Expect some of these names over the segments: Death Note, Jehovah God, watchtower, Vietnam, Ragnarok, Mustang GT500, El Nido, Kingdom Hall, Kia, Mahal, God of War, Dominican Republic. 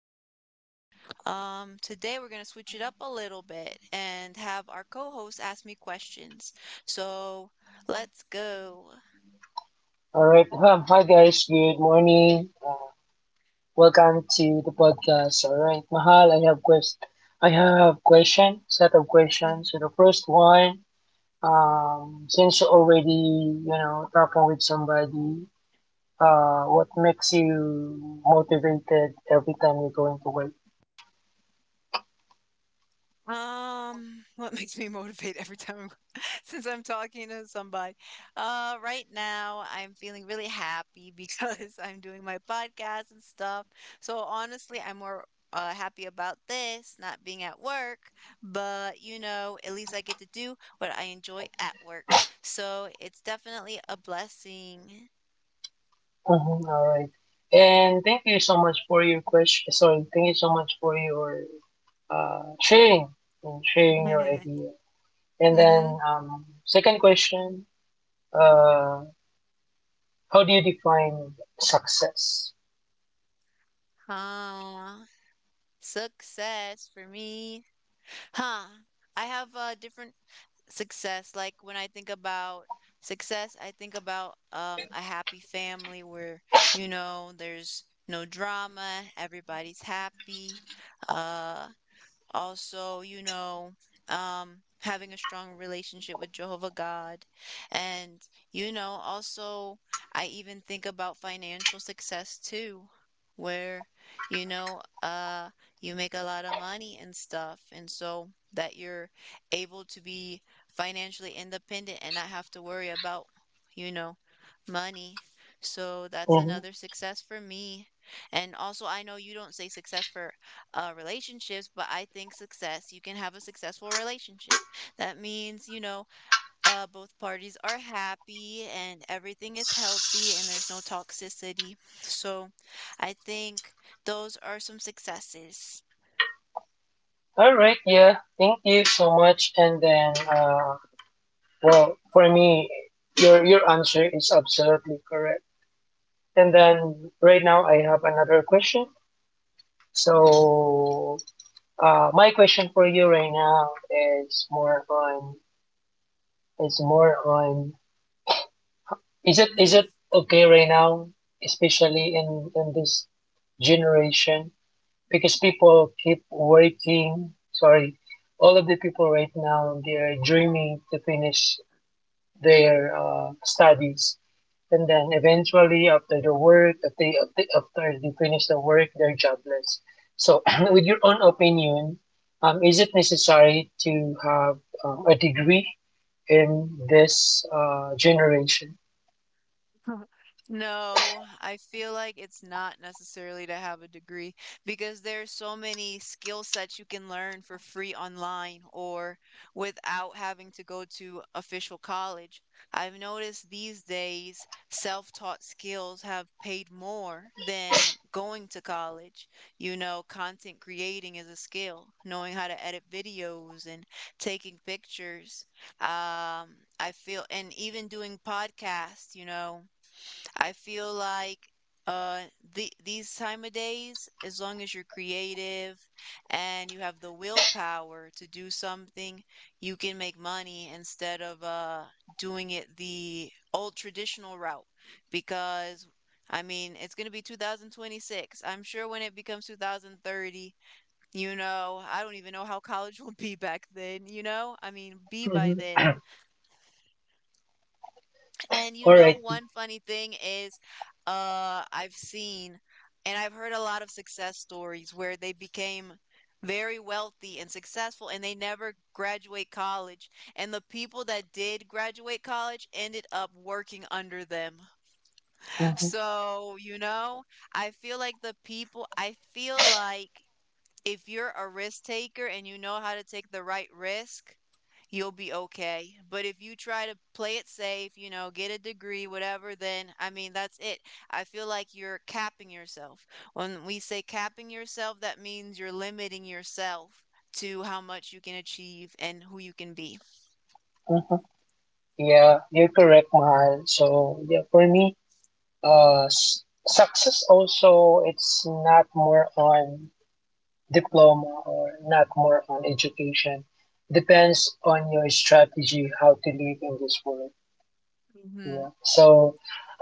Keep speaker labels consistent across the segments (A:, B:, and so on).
A: podcast. Today we're gonna switch it up a little bit and have our co-host ask me questions. So let's go.
B: All right. Hi, guys. Good morning. Welcome to the podcast. All right. Mahal, I have question, set of questions. So the first one, since you already, talking with somebody, what makes you motivated every time you're going to work?
A: What makes me motivate every time I'm since I'm talking to somebody? Right now I'm feeling really happy because I'm doing my podcast and stuff. So honestly, I'm more happy about this, not being at work, but at least I get to do what I enjoy at work. So it's definitely a blessing.
B: Mm-hmm, all right. And thank you so much for your question. Sorry, thank you so much for your sharing and sharing your idea. And then
A: Mm-hmm.
B: second question, uh, how do you define success?
A: Uh, Success for me. Huh. I have different success. Like when I think about success, I think about a happy family where, you know, there's no drama, everybody's happy. Uh also, you know, having a strong relationship with Jehovah God. And, you know, also, I even think about financial success too, where, you know, uh, you make a lot of money and stuff. And so that you're able to be financially independent and not have to worry about, you know, money. So that's
B: Hmm.
A: another success for me. And also, I know you don't say success for relationships, but I think success, you can have a successful relationship. That means, both parties are happy and everything is healthy and there's no toxicity. So I think those are some successes.
B: All right, yeah, thank you so much. And then, well, for me, your answer is absolutely correct. And then right now I have another question. So my question for you right now is more on is more on is it is
A: Mm-hmm.
B: it okay right now, especially in this generation because people keep waiting. Sorry, all of the people right now they're dreaming to finish their studies, and then eventually after the work, after they finish the work, they're jobless. So, with your own opinion, is it necessary to have a degree in this generation?
A: No, I feel like it's not necessarily to have a degree because there's so many skill sets you can learn for free online or without having to go to official college. I've noticed these days self-taught skills have paid more than going to college. You know, content creating is a skill, knowing how to edit videos and taking pictures. I feel, and even doing podcasts, I feel like uh the these time of days, as long as you're creative and you have the willpower to do something, you can make money instead of doing it the old traditional route because I mean, it's going to be 2026. I'm sure when it becomes 2030, you know, I don't even know how college will be back then, you know? I mean, be by
B: Mm-hmm.
A: then. And you
B: All
A: know,
B: right.
A: one funny thing is, I've seen and I've heard a lot of success stories where they became very wealthy and successful and they never graduate college. And the people that did graduate college ended up working under them.
B: Mhm.
A: So, you know, I feel like the people, I feel like if you're a risk taker and you know how to take the right risk, you'll be okay. But if you try to play it safe, you know, get a degree, whatever, then I mean, that's it. I feel like you're capping yourself. When we say capping yourself, that means you're limiting yourself to how much you can achieve and who you can be.
B: Mhm. Yeah, you're correct, Mahal. So yeah, for me, success also, it's not more on diploma or not more on education. Depends on your strategy how to live in this world.
A: Mm-hmm.
B: Yeah. So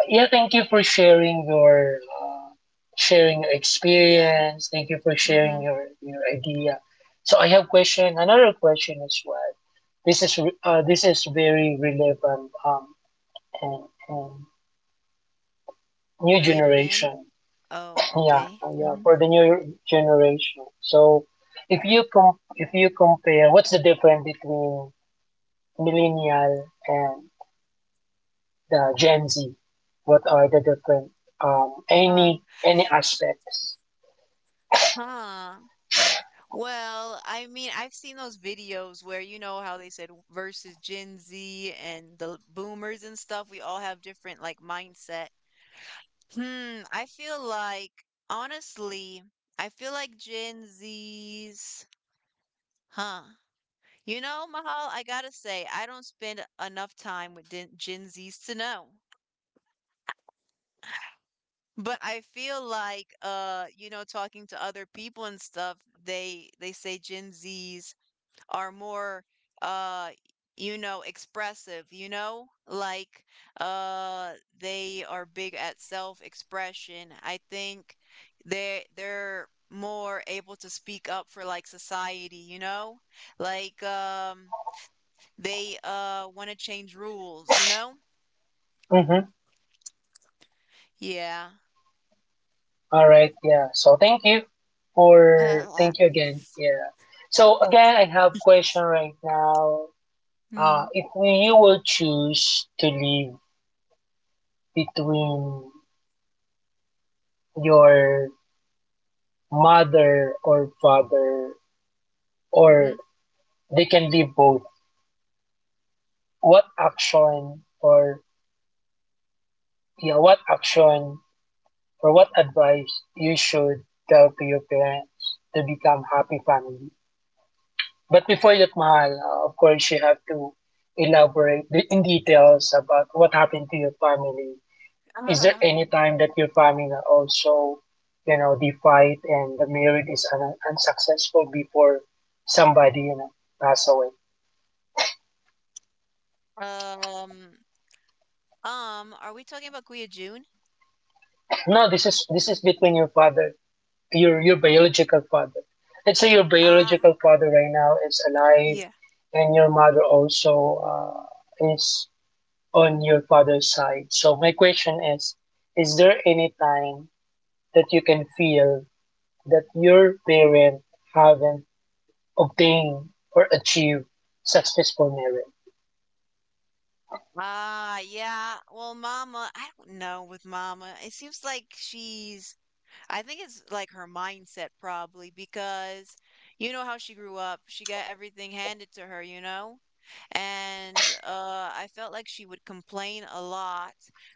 B: yeah, thank you for uh, sharing your
A: Yeah.
B: experience. Thank you for sharing
A: Mm-hmm.
B: your idea. So I have question. Another question as well. This is very relevant, and new
A: Related in?
B: generation.
A: Oh,
B: Yeah,
A: okay.
B: yeah,
A: Mm-hmm.
B: for the new generation. So, if you compare, what's the difference between millennial and the Gen Z? What are the different,
A: Huh.
B: any aspects?
A: Huh. Well, I mean, I've seen those videos where you know how they said versus Gen Z and the boomers and stuff, we all have different like mindset. Hmm, I feel like honestly, I feel like Gen Z's, huh? You know, Mahal, I gotta say, I don't spend enough time with Gen Z's to know. But I feel like you know, talking to other people and stuff, they say Gen Z's are more uh you know expressive, you know, like uh they are big at self-expression. I think they're more able to speak up for like society, you know, like they want to change rules, you know?
B: Mm-hmm.
A: Yeah.
B: All right, yeah. So thank you again. Yeah. So again, I have question right now.
A: Mm.
B: If we, you will choose to live between your mother or father, or
A: Mhm.
B: they can be both. What action or yeah, what action or what advice you should tell to your parents to become happy family? But before that, Mahal, of course, you have to elaborate in details about what happened to your family. Is there any time that your family also, the fight and the marriage is unsuccessful before somebody, pass away?
A: um are we talking about Guia June?
B: No, this is between your biological father. Let's say your
A: Ah,
B: biological father right now is alive,
A: yeah.
B: and your mother also, is on your father's side. So my question is there any time that you can feel that your parent haven't obtained or achieved successful marriage?
A: Ah, yeah. Well, mama, I don't know with mama. It seems like she's, I think it's like her mindset probably because you know how she grew up. She got everything handed to her, you know? And I felt like she would complain a lot,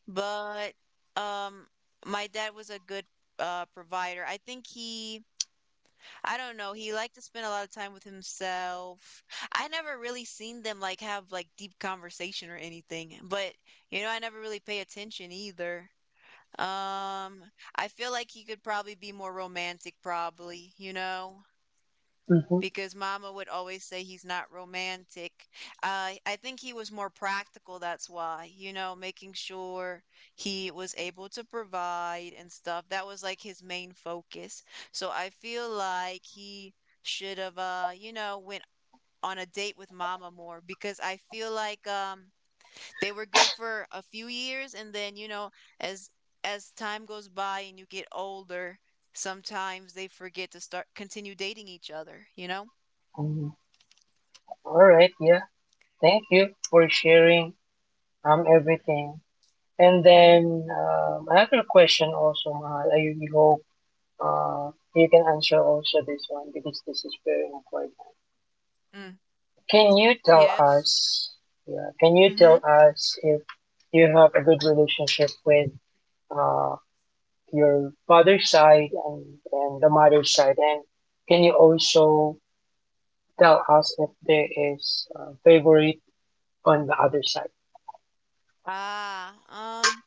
A: but um my dad was a good provider. I think he I don't know, he liked to spend a lot of time with himself. I never really seen them, like, have, like, deep conversation or anything, but, you know, I never really pay attention either. Um, I feel like he could probably be more romantic, probably, you know?
B: Mm-hmm.
A: Because mama would always say he's not romantic. I think he was more practical, that's why, you know, making sure he was able to provide and stuff. That was like his main focus. So I feel like he should have, you know, went on a date with mama more because I feel like they were good for a few years and then, you know, as as time goes by and you get older, sometimes they forget to start continue dating each other, you know?
B: Mm-hmm. All right, yeah. Thank you for sharing, everything. And
A: Hmm.
B: then, another question also, Mahal. I really hope you can answer also this one because this is very important.
A: Mm.
B: Can you tell
A: Yes.
B: us? Yeah, can you
A: Mm-hmm.
B: tell us if you have a good relationship with, uh, your father's side and the mother's side, and can you also tell us if there is a favorite on the other side?
A: Ah, um,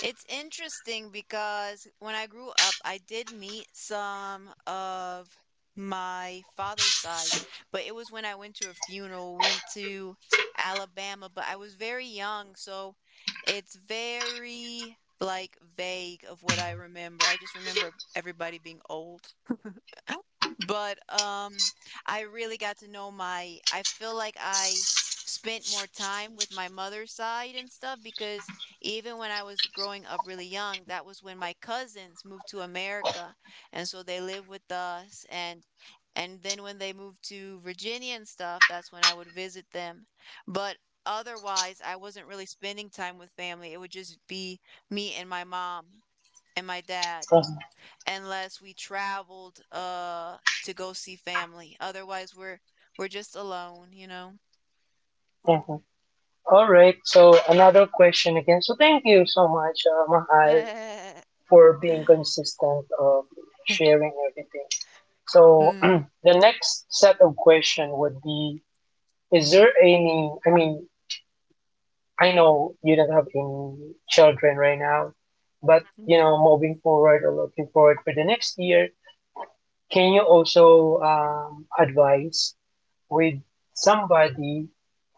A: it's interesting because when I grew up, I did meet some of my father's side, but it was when I went to a funeral. We went to Alabama, but I was very young, so it's very like vague of what I remember. I just remember everybody being old. But I really got to know my I feel like I spent more time with my mother's side and stuff because even when I was growing up really young, that was when my cousins moved to America. And so they lived with us and then when they moved to Virginia and stuff, that's when I would visit them. But otherwise, I wasn't really spending time with family. It would just be me and my mom and my dad
B: Mhm.
A: unless we traveled to go see family. Otherwise, we're just alone, you know.
B: Mhm. All right. So another question again. So thank you so much, Mahal, for being consistent of sharing everything. So
A: Mm.
B: the next set of question would be, is there any, I mean, I know you don't have any children right now, but,
A: Mhm.
B: moving forward or looking forward for the next year, can you also, advise with somebody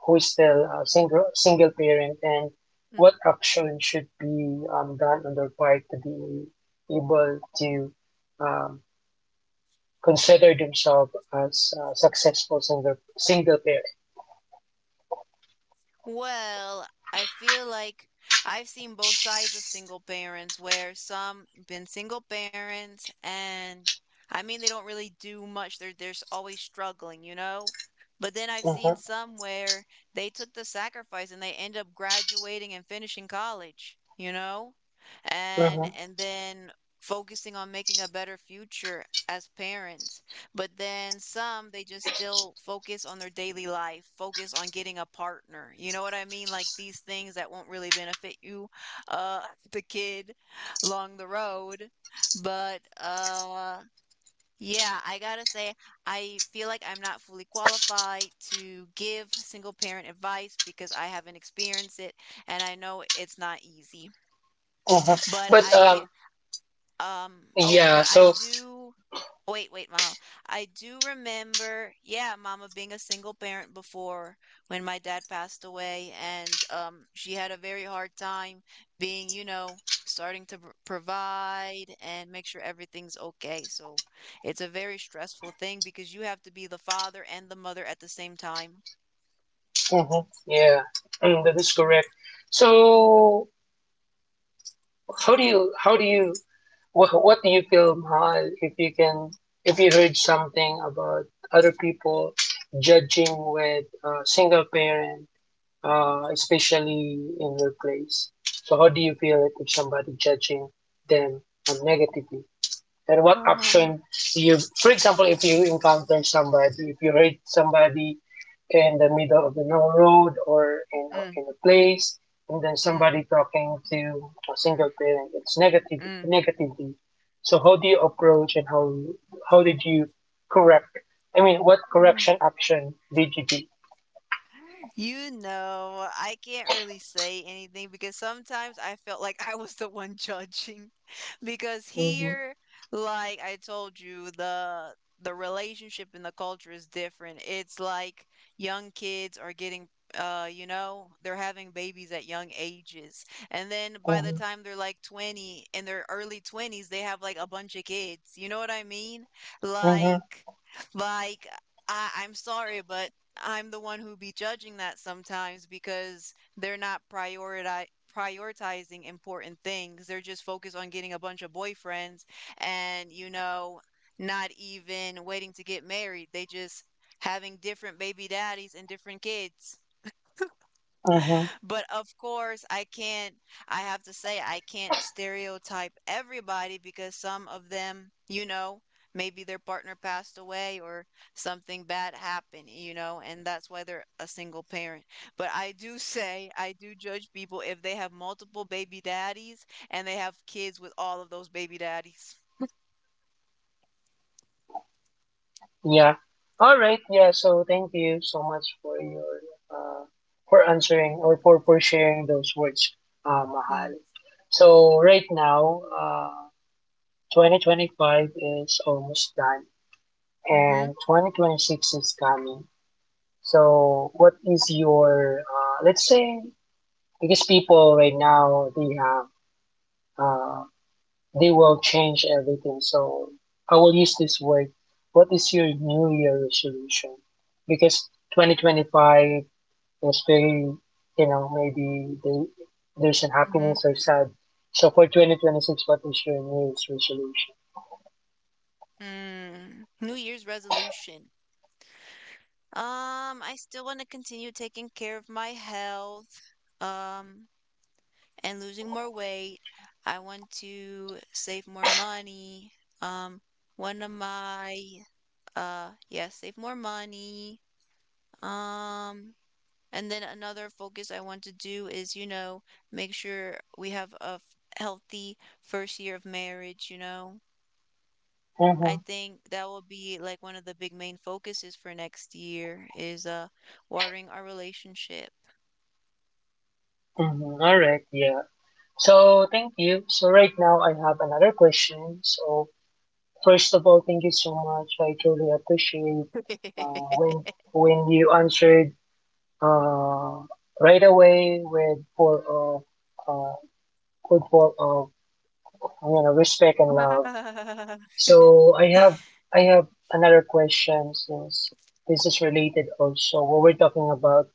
B: who's still a single parent and what action should be, done on their part to be able to, um, consider themselves as, successful single parent.
A: Well, I feel like I've seen both sides of single parents where some been single parents and I mean they don't really do much. They're always struggling, you know? But then I've seen
B: Mm-hmm.
A: some where they took the sacrifice and they end up graduating and finishing college, you know? And
B: Mm-hmm.
A: and then focusing on making a better future as parents. But then some, they just still focus on their daily life, focus on getting a partner. You know what I mean? Like these things that won't really benefit you, uh, the kid along the road. But yeah, I gotta say, I feel like I'm not fully qualified to give single parent advice because I haven't experienced it and I know it's not easy.
B: Mm-hmm.
A: But
B: But,
A: I, oh,
B: yeah,
A: but I
B: so.
A: do. Wait, wait, Mama. I do remember, yeah, Mama being a single parent before when my dad passed away, and she had a very hard time being, you know, starting to pr provide and make sure everything's okay. So it's a very stressful thing because you have to be the father and the mother at the same time.
B: Mm-hmm. Yeah, that is correct. So how do you what do you feel, Mahal, if you heard something about other people judging with, single parent, especially in your place? So how do you feel it if somebody judging them, negatively? And what
A: Um,
B: actions you, for example, if you encounter somebody, if you hurt somebody in the middle of the no road, or in,
A: mm,
B: in a place, and then
A: mm,
B: somebody talking to a single parent, it's
A: mm,
B: negatively. So how do you approach, and how did you correct, I mean, what
A: mm.
B: correction action did you do?
A: You know, I can't really say anything because sometimes I felt like I was the one judging. Because
B: Mm-hmm.
A: here, like I told you, the relationship and the culture is different. It's like young kids are getting you know, they're having babies at young ages. And then by the
B: Mm-hmm.
A: time they're like 20, in their early 20s, they have like a bunch of kids. You know what I mean?
B: Mm-hmm.
A: Like like I, I'm sorry, but I'm the one who be judging that sometimes because they're not prioritizing important things. They're just focused on getting a bunch of boyfriends and, you know, not even waiting to get married. They just having different baby daddies and different kids.
B: Mm-hmm.
A: But of course, I can't, I have to say, I can't stereotype everybody because some of them, you know, maybe their partner passed away or something bad happened, you know, and that's why they're a single parent. But I do say, I do judge people if they have multiple baby daddies and they have kids with all of those baby daddies.
B: Yeah. All right. Yeah. So thank you so much for your uh for answering, or for sharing those words,
A: Mm.
B: Mahal. So right now, 2025 is almost done,
A: Hmm.
B: and 2026 is coming. So what is your, let's say, because people right now uh they will change everything. So I will use this word. What is your New Year resolution? Because 2025 is very, maybe they, there's an
A: Mm-hmm.
B: happiness or sad. So for 2026, what is your New Year's resolution?
A: Mm. New Year's resolution. I still want to continue taking care of my health, um, and losing more weight. I want to save more money. Um, one of my, yeah, save more money. Um, and then another focus I want to do is, you know, make sure we have a healthy first year of marriage, you know.
B: Mm-hmm.
A: I think that will be like one of the big main focuses for next year is watering our relationship.
B: Mm-hmm. All right. Yeah. So thank you. So right now I have another question. So first of all, thank you so much. I truly appreciate,
A: Mm.
B: uh, when when you answered, uh, right away with full of, full of respect and love. So I have another question since this is related also. What we're talking about,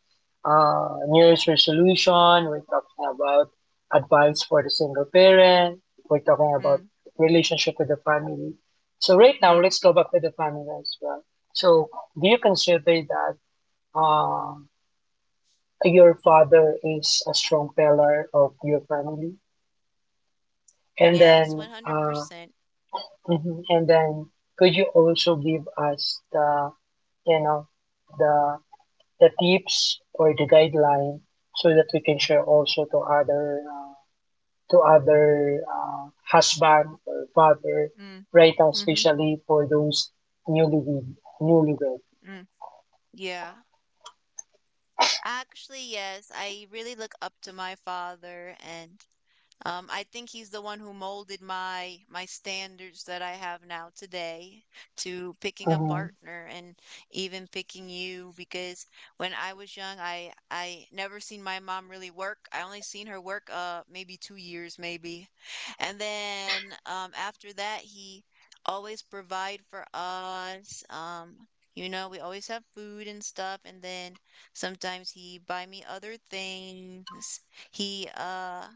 B: New Year's resolution. We're talking about advice for the single parent. We're talking about
A: Mm,
B: relationship with the family. So right now,
A: mm.
B: let's go back to the family as well. So do you consider that, uh, your father is a strong pillar of your family, and
A: Yes,
B: then, uh
A: 100%.
B: mhm, and then could you also give us the, you know the the tips or the guideline, so that we can share also to other, to other, husband or father
A: Mm,
B: right now,
A: mhm,
B: especially for those newly newlywed.
A: mm. Yeah. Actually, yes, I really look up to my father and I think he's the one who molded my standards that I have now today to picking a
B: Mm-hmm.
A: partner and even picking you because when I was young, I never seen my mom really work. I only seen her work maybe 2 years maybe. And then after that he always provide for us. You know, we always have food and stuff, and then sometimes he buy me other things. He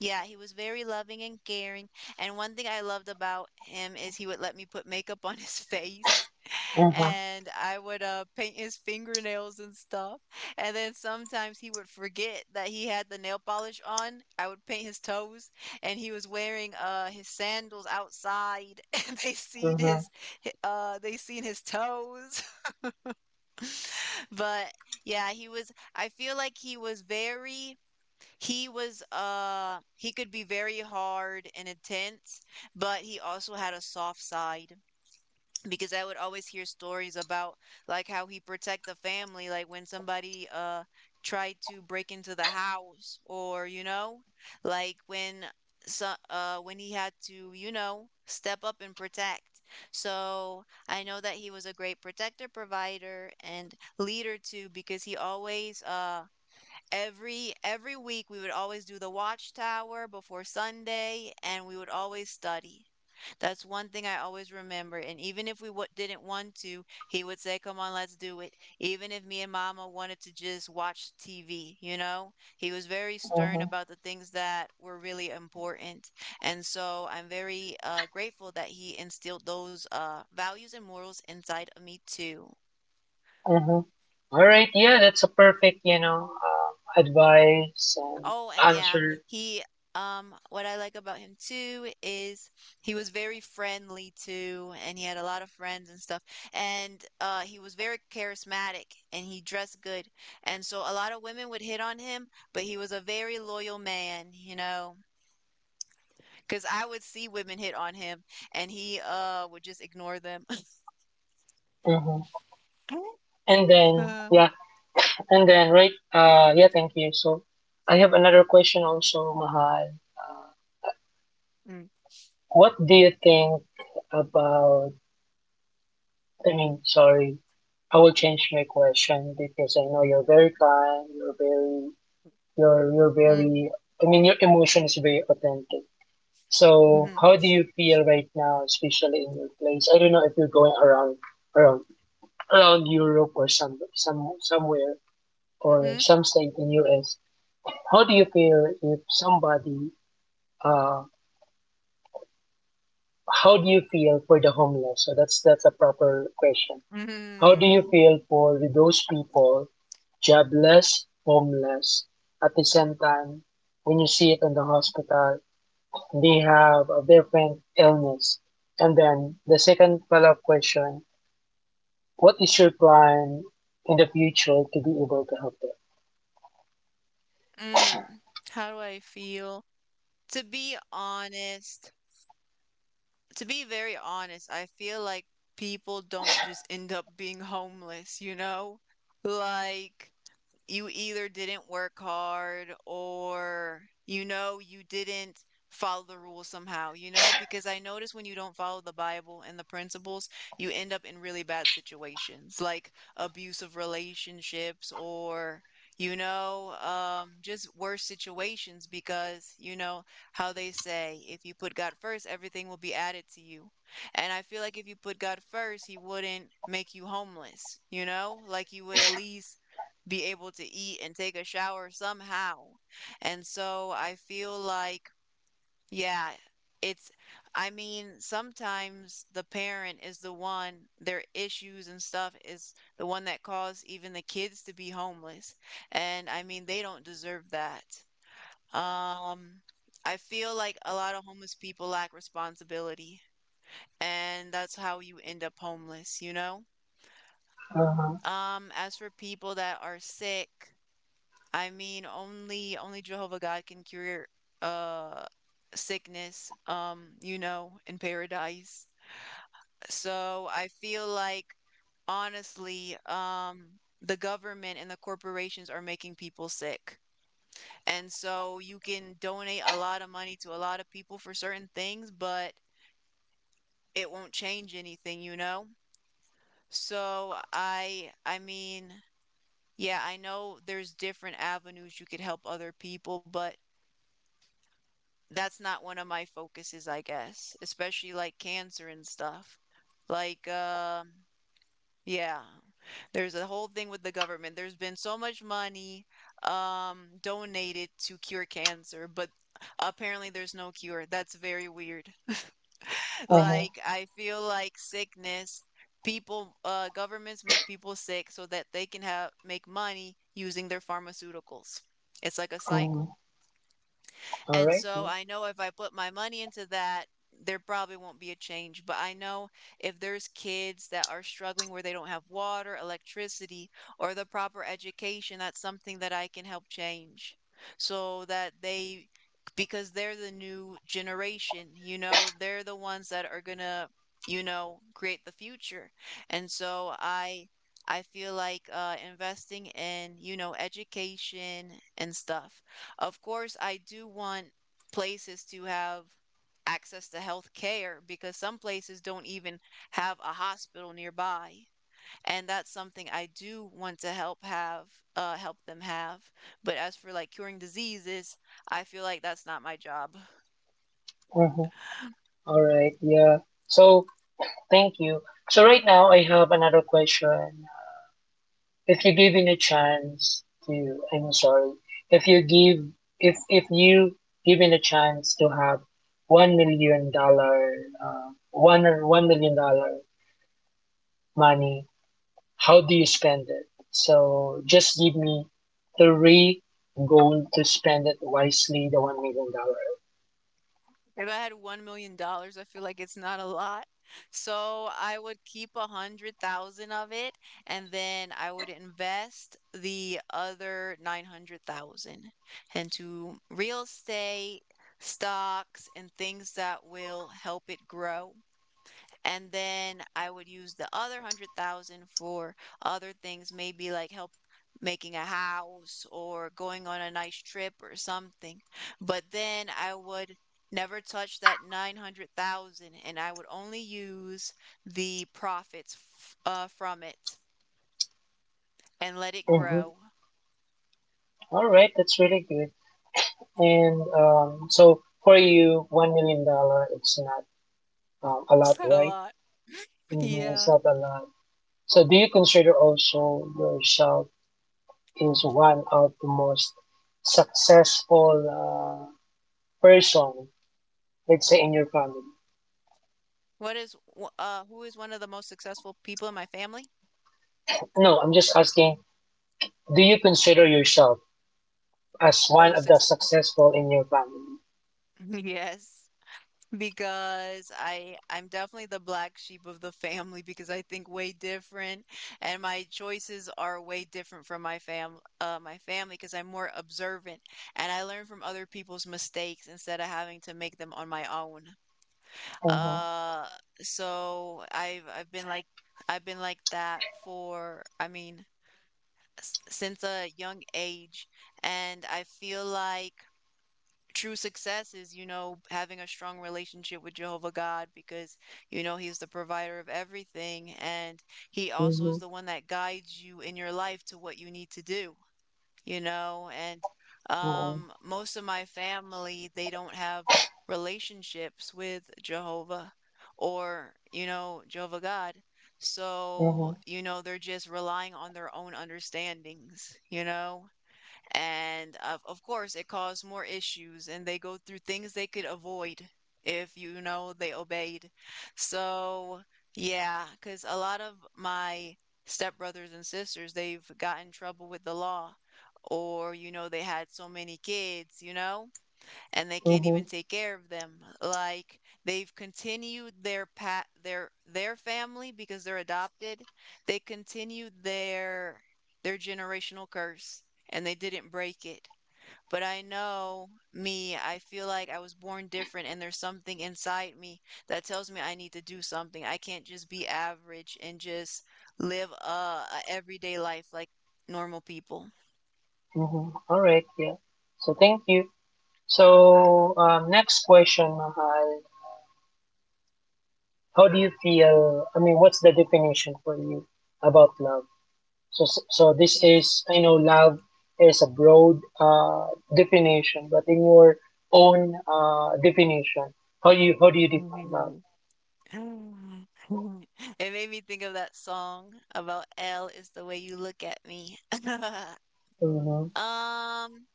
A: yeah, he was very loving and caring. And one thing I loved about him is he would let me put makeup on his face
B: Mm-hmm.
A: and I would paint his fingernails and stuff. And then sometimes he would forget that he had the nail polish on. I would paint his toes and he was wearing his sandals outside and they seen
B: Mm-hmm.
A: his they seen his toes. But yeah, he was I feel like he was very, he could be very hard and intense, but he also had a soft side because I would always hear stories about like how he protect the family, like when somebody tried to break into the house, or you know, like when he had to, you know, step up and protect. So I know that he was a great protector, provider, and leader too, because he always every week we would always do the watchtower before Sunday, and we would always study. That's one thing I always remember. And even if we didn't want to, he would say, "Come on, let's do it." Even if me and mama wanted to just watch TV, you know, he was very stern about the things that were really important. And so I'm very grateful that he instilled those values and morals inside of me too.
B: Mm-hmm. All right, yeah, that's a perfect, advice and
A: Oh, and yeah,
B: answer.
A: he what I like about him too is he was very friendly too, and he had a lot of friends and stuff. And he was very charismatic and he dressed good. And so a lot of women would hit on him, but he was a very loyal man, you know. Because I would see women hit on him and he would just ignore them.
B: Hmm. And then,
A: Uh,
B: yeah, and then, right, yeah, thank you. So I have another question also, Mahal.
A: mm,
B: What do you think about, I mean, sorry, I will change my question because I know you're very kind, you're
A: mm,
B: very, I mean, your emotion is very authentic. So
A: mhm,
B: how do you feel right now, especially in your place? I don't know if you're going around around Europe, or some somewhere, or
A: mhm,
B: some state in US. How do you feel if somebody uh how do you feel for the homeless? So that's a proper question. How do you
A: mhm,
B: feel for those people, jobless, homeless, at the same time when you see it in the hospital they have a different illness. And then the second follow up question: What is your plan in the future to be able to help them?
A: mm. How do I feel? To be honest, To be very honest, I feel like people don't just end up being homeless, you know? Like, you either didn't work hard, or you know you didn't follow the rules somehow, you know, because I notice when you don't follow the bible and the principles, you end up in really bad situations, like abusive relationships, or just worse situations, because you know how they say, if you put god first, everything will be added to you. And I feel like if you put god first, he wouldn't make you homeless, you know, like you would at least be able to eat and take a shower somehow. And so I feel like, yeah, it's, I mean, sometimes the parent is the one, their issues and stuff is the one that caused even the kids to be homeless. And I mean, they don't deserve that. Um, I feel like a lot of homeless people lack responsibility, and that's how you end up homeless, you know?
B: Uh-huh.
A: As for people that are sick, I mean, only Jehovah God can cure uh sickness, you know, in paradise. So I feel like honestly, the government and the corporations are making people sick. And so you can donate a lot of money to a lot of people for certain things, but it won't change anything, you know? So yeah, I know there's different avenues you could help other people, but that's not one of my focuses, I guess, especially like cancer and stuff. Like, um, uh, yeah, there's a whole thing with the government. There's been so much money donated to cure cancer, but apparently there's no cure. That's very weird.
B: Uh-huh.
A: Like, I feel like governments make people sick so that they can have make money using their pharmaceuticals. It's like a
B: Uh-huh.
A: cycle.
B: All
A: And
B: right.
A: so I know if I put my money into that, there probably won't be a change. But I know if there's kids that are struggling where they don't have water, electricity, or the proper education, that's something that I can help change, so that they, because they're the new generation, you know, they're the ones that are going to, you know, create the future. And so I. I feel like investing in, you know, education and stuff. Of course, I do want places to have access to health care, because some places don't even have a hospital nearby. And that's something I do want to help have, help them have. But as for like curing diseases, I feel like that's not my job.
B: Uh-huh. All right. Yeah. So thank you. So right now I have another question. If you're given a chance to, I'm sorry, if you give, if you given a chance to have $1 million, one or one million dollar money, how do you spend it? So just give me three goals to spend it wisely, the $1 million.
A: If I had $1,000,000, I feel like it's not a lot. So I would keep 100,000 of it, and then I would invest the other 900,000 into real estate, stocks, and things that will help it grow. And then I would use the other 100,000 for other things, maybe like help making a house or going on a nice trip or something. But then I would never touch that 900,000, and I would only use the profits f from it, and let it
B: Mm-hmm.
A: grow.
B: All right, that's really good. And, so for you, $1 million, it's not, a lot,
A: Is a
B: right?
A: lot?
B: Mm-hmm. It's
A: Yeah.
B: not a lot. So do you consider also yourself is one of the most successful, person, let's say, in your family?
A: Who is one of the most successful people in my family?
B: No, I'm just asking. Do you consider yourself as one
A: Oh,
B: of the
A: success.
B: successful in your family.
A: Yes. Because I'm definitely the black sheep of the family, because I think way different, and my choices are way different from my family, because I'm more observant, and I learn from other people's mistakes instead of having to make them on my own.
B: Mm-hmm.
A: Uh so I've been like that for, I mean, since a young age. And I feel like true success is, you know, having a strong relationship with Jehovah God, because, you know, He's the provider of everything. And He also
B: Mm-hmm.
A: is the one that guides you in your life to what you need to do, you know. And
B: Mm-hmm.
A: most of my family, they don't have relationships with Jehovah, or, you know, Jehovah God.
B: Mm-hmm. Mm-hmm.
A: So, you know, they're just relying on their own understandings, you know? And of course, it caused more issues, and they go through things they could avoid if you know they obeyed. So, yeah, because a lot of my stepbrothers and sisters, they've got in trouble with the law, or you know, they had so many kids, you know, and they can't even
B: Mm-hmm.
A: take care of them. Like, they've continued their pat their family, because they're adopted. They continued their generational curse, and they didn't break it. But I know me, I feel like I was born different, and there's something inside me that tells me I need to do something. I can't just be average and just live a everyday life like normal people.
B: Mm-hmm. Right. Yeah. So thank you. So, next question, Mahal. How do you feel? I mean, what's the definition for you about love? So this is, I know love is a broad, definition, but in your own, definition, how do you define love?
A: Ah. It made me think of that song about, L is the way you look at me.
B: Mm-hmm.
A: Um,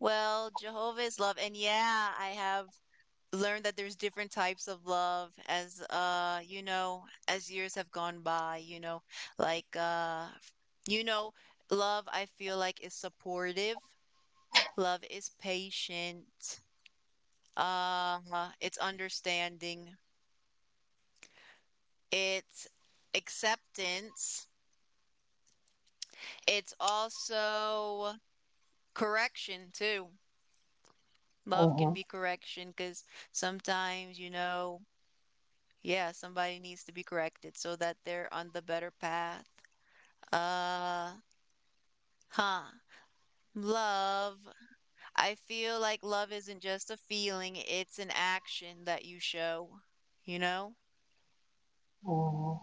A: well, Jehovah is love, and yeah, I have learned that there's different types of love as, you know, as years have gone by, you know, like uh, you know, love, I feel like, is supportive, love is patient, uh, it's understanding, it's acceptance. It's also correction too. Love can
B: Mm-hmm.
A: be correction because sometimes, you know, yeah, somebody needs to be corrected so that they're on the better path. Uh, huh. Love. I feel like love isn't just a feeling, it's an action that you show, you know?
B: Mm-hmm.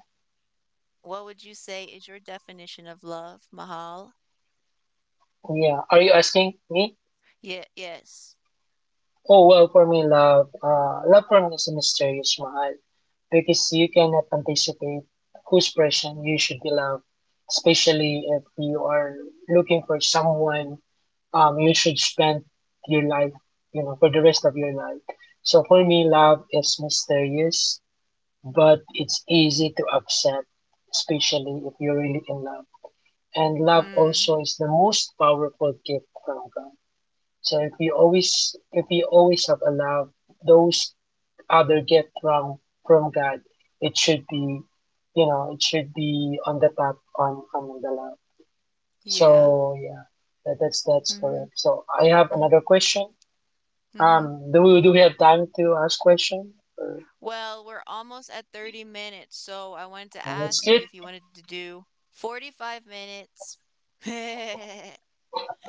A: What would you say is your definition of love, Mahal?
B: Yeah. Are you asking me?
A: Yeah, yes.
B: Oh, well, for me, love for me is a mysterious mahal because you cannot anticipate whose person you should be loved, especially if you are looking for someone, you should spend your life, for the rest of your life. So for me, love is mysterious, but it's easy to accept, especially if you're really in love. And love
A: Mm,
B: also is the most powerful gift from God. So if we always have allowed those other gift from God, it should be, it should be on the top, on the left.
A: yeah.
B: So yeah, that's
A: Mm-hmm.
B: correct. So I have
A: Mm-hmm.
B: another question.
A: Mm-hmm.
B: Do we have time to ask question? Or
A: Well, we're almost at 30 minutes, so I wanted to
B: yeah, that's
A: ask
B: good.
A: you if you wanted to do 45 minutes.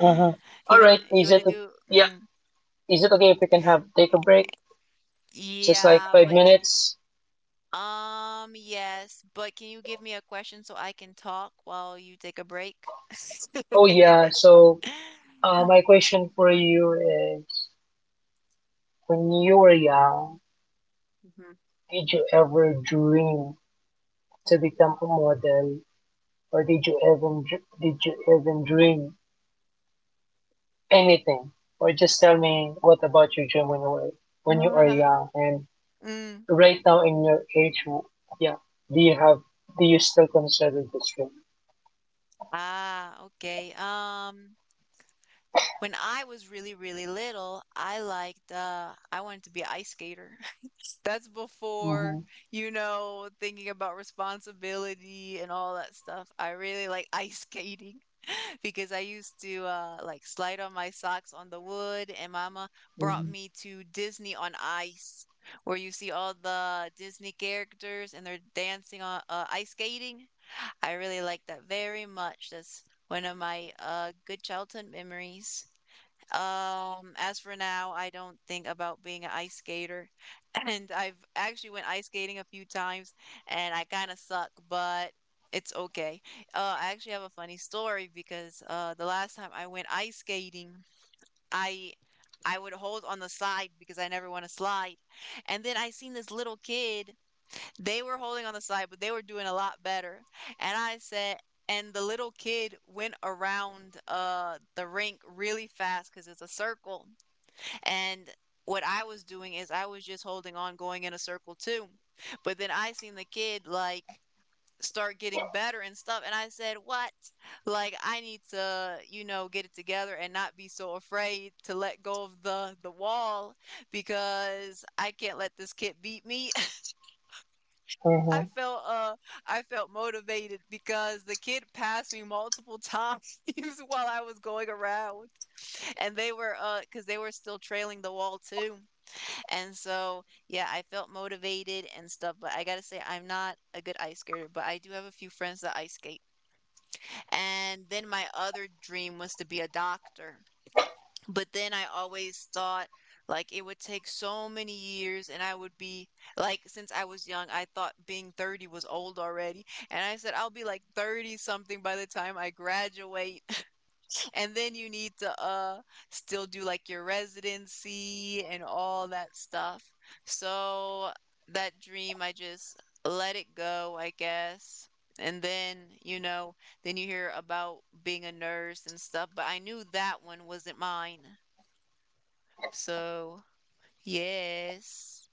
B: Uh-huh. All right,
A: You
B: is
A: want to
B: it,
A: do
B: yeah,
A: mm,
B: is it okay if we can have take a break? Just like
A: yeah,
B: five
A: but c-
B: minutes?
A: um yes, but can you give me a question so I can talk while you take a break?
B: Oh yeah, so, my question for you is: When you were young,
A: Mhm.
B: did you ever dream to become a model, or did you even dream anything? Or just tell me what about your dream, when you were when you are young, and
A: Mm,
B: right now in your age? Yeah, do you have do you still consider this dream?
A: okay. When I was really, really little, I liked, I wanted to be a ice skater. That's
B: Mm-hmm.
A: before, you know, thinking about responsibility and all that stuff. I really like ice skating, because I used to, like slide on my socks on the wood, and Mama brought
B: Mm-hmm.
A: me to Disney on Ice, where you see all the Disney characters and they're dancing on, ice skating. I really like that very much. That's one of my good childhood memories. As for now, I don't think about being an ice skater. And I've actually went ice skating a few times, and I kind of suck, but it's okay. I actually have a funny story, because the last time I went ice skating, I I would hold on the side because I never want to slide. And then I seen this little kid. They were holding on the side, but they were doing a lot better, and I said and the little kid went around, the rink really fast because it's a circle, and what I was doing is I was just holding on, going in a circle too, but then I seen the kid, like, start getting better and stuff, and I said, "What? Like, I need to, get it together and not be so afraid to let go of the wall because I can't let this kid beat me." I
B: Mm-hmm.
A: felt uh I felt motivated because the kid passed me multiple times while I was going around, and they were cuz they were still trailing the wall too. And so, yeah, I felt motivated and stuff, but I got to say I'm not a good ice skater, but I do have a few friends that ice skate. And then my other dream was to be a doctor, but then I always thought, like, it would take so many years, and I would be, like, since I was young, I thought being 30 was old already. And I said I'll be like 30 something by the time I graduate, and then you need to still do like your residency and all that stuff. So that dream I just let it go, I guess. And then, you know, then you hear about being a nurse and stuff, but I knew that one wasn't mine. So, yes.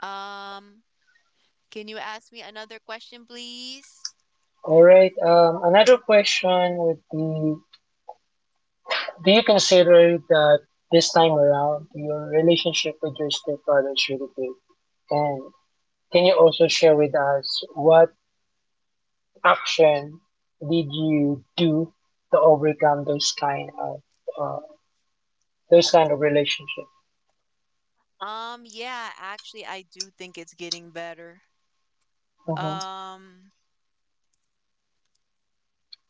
A: Um, can you ask me another question, please?
B: All right. Another question would be: Do you consider that this time around your relationship with your stepfather is really good? And can you also share with us what action did you do to overcome uh, those kind of relationship?
A: Yeah, actually, I do think it's getting better.
B: Mm-hmm.
A: Um,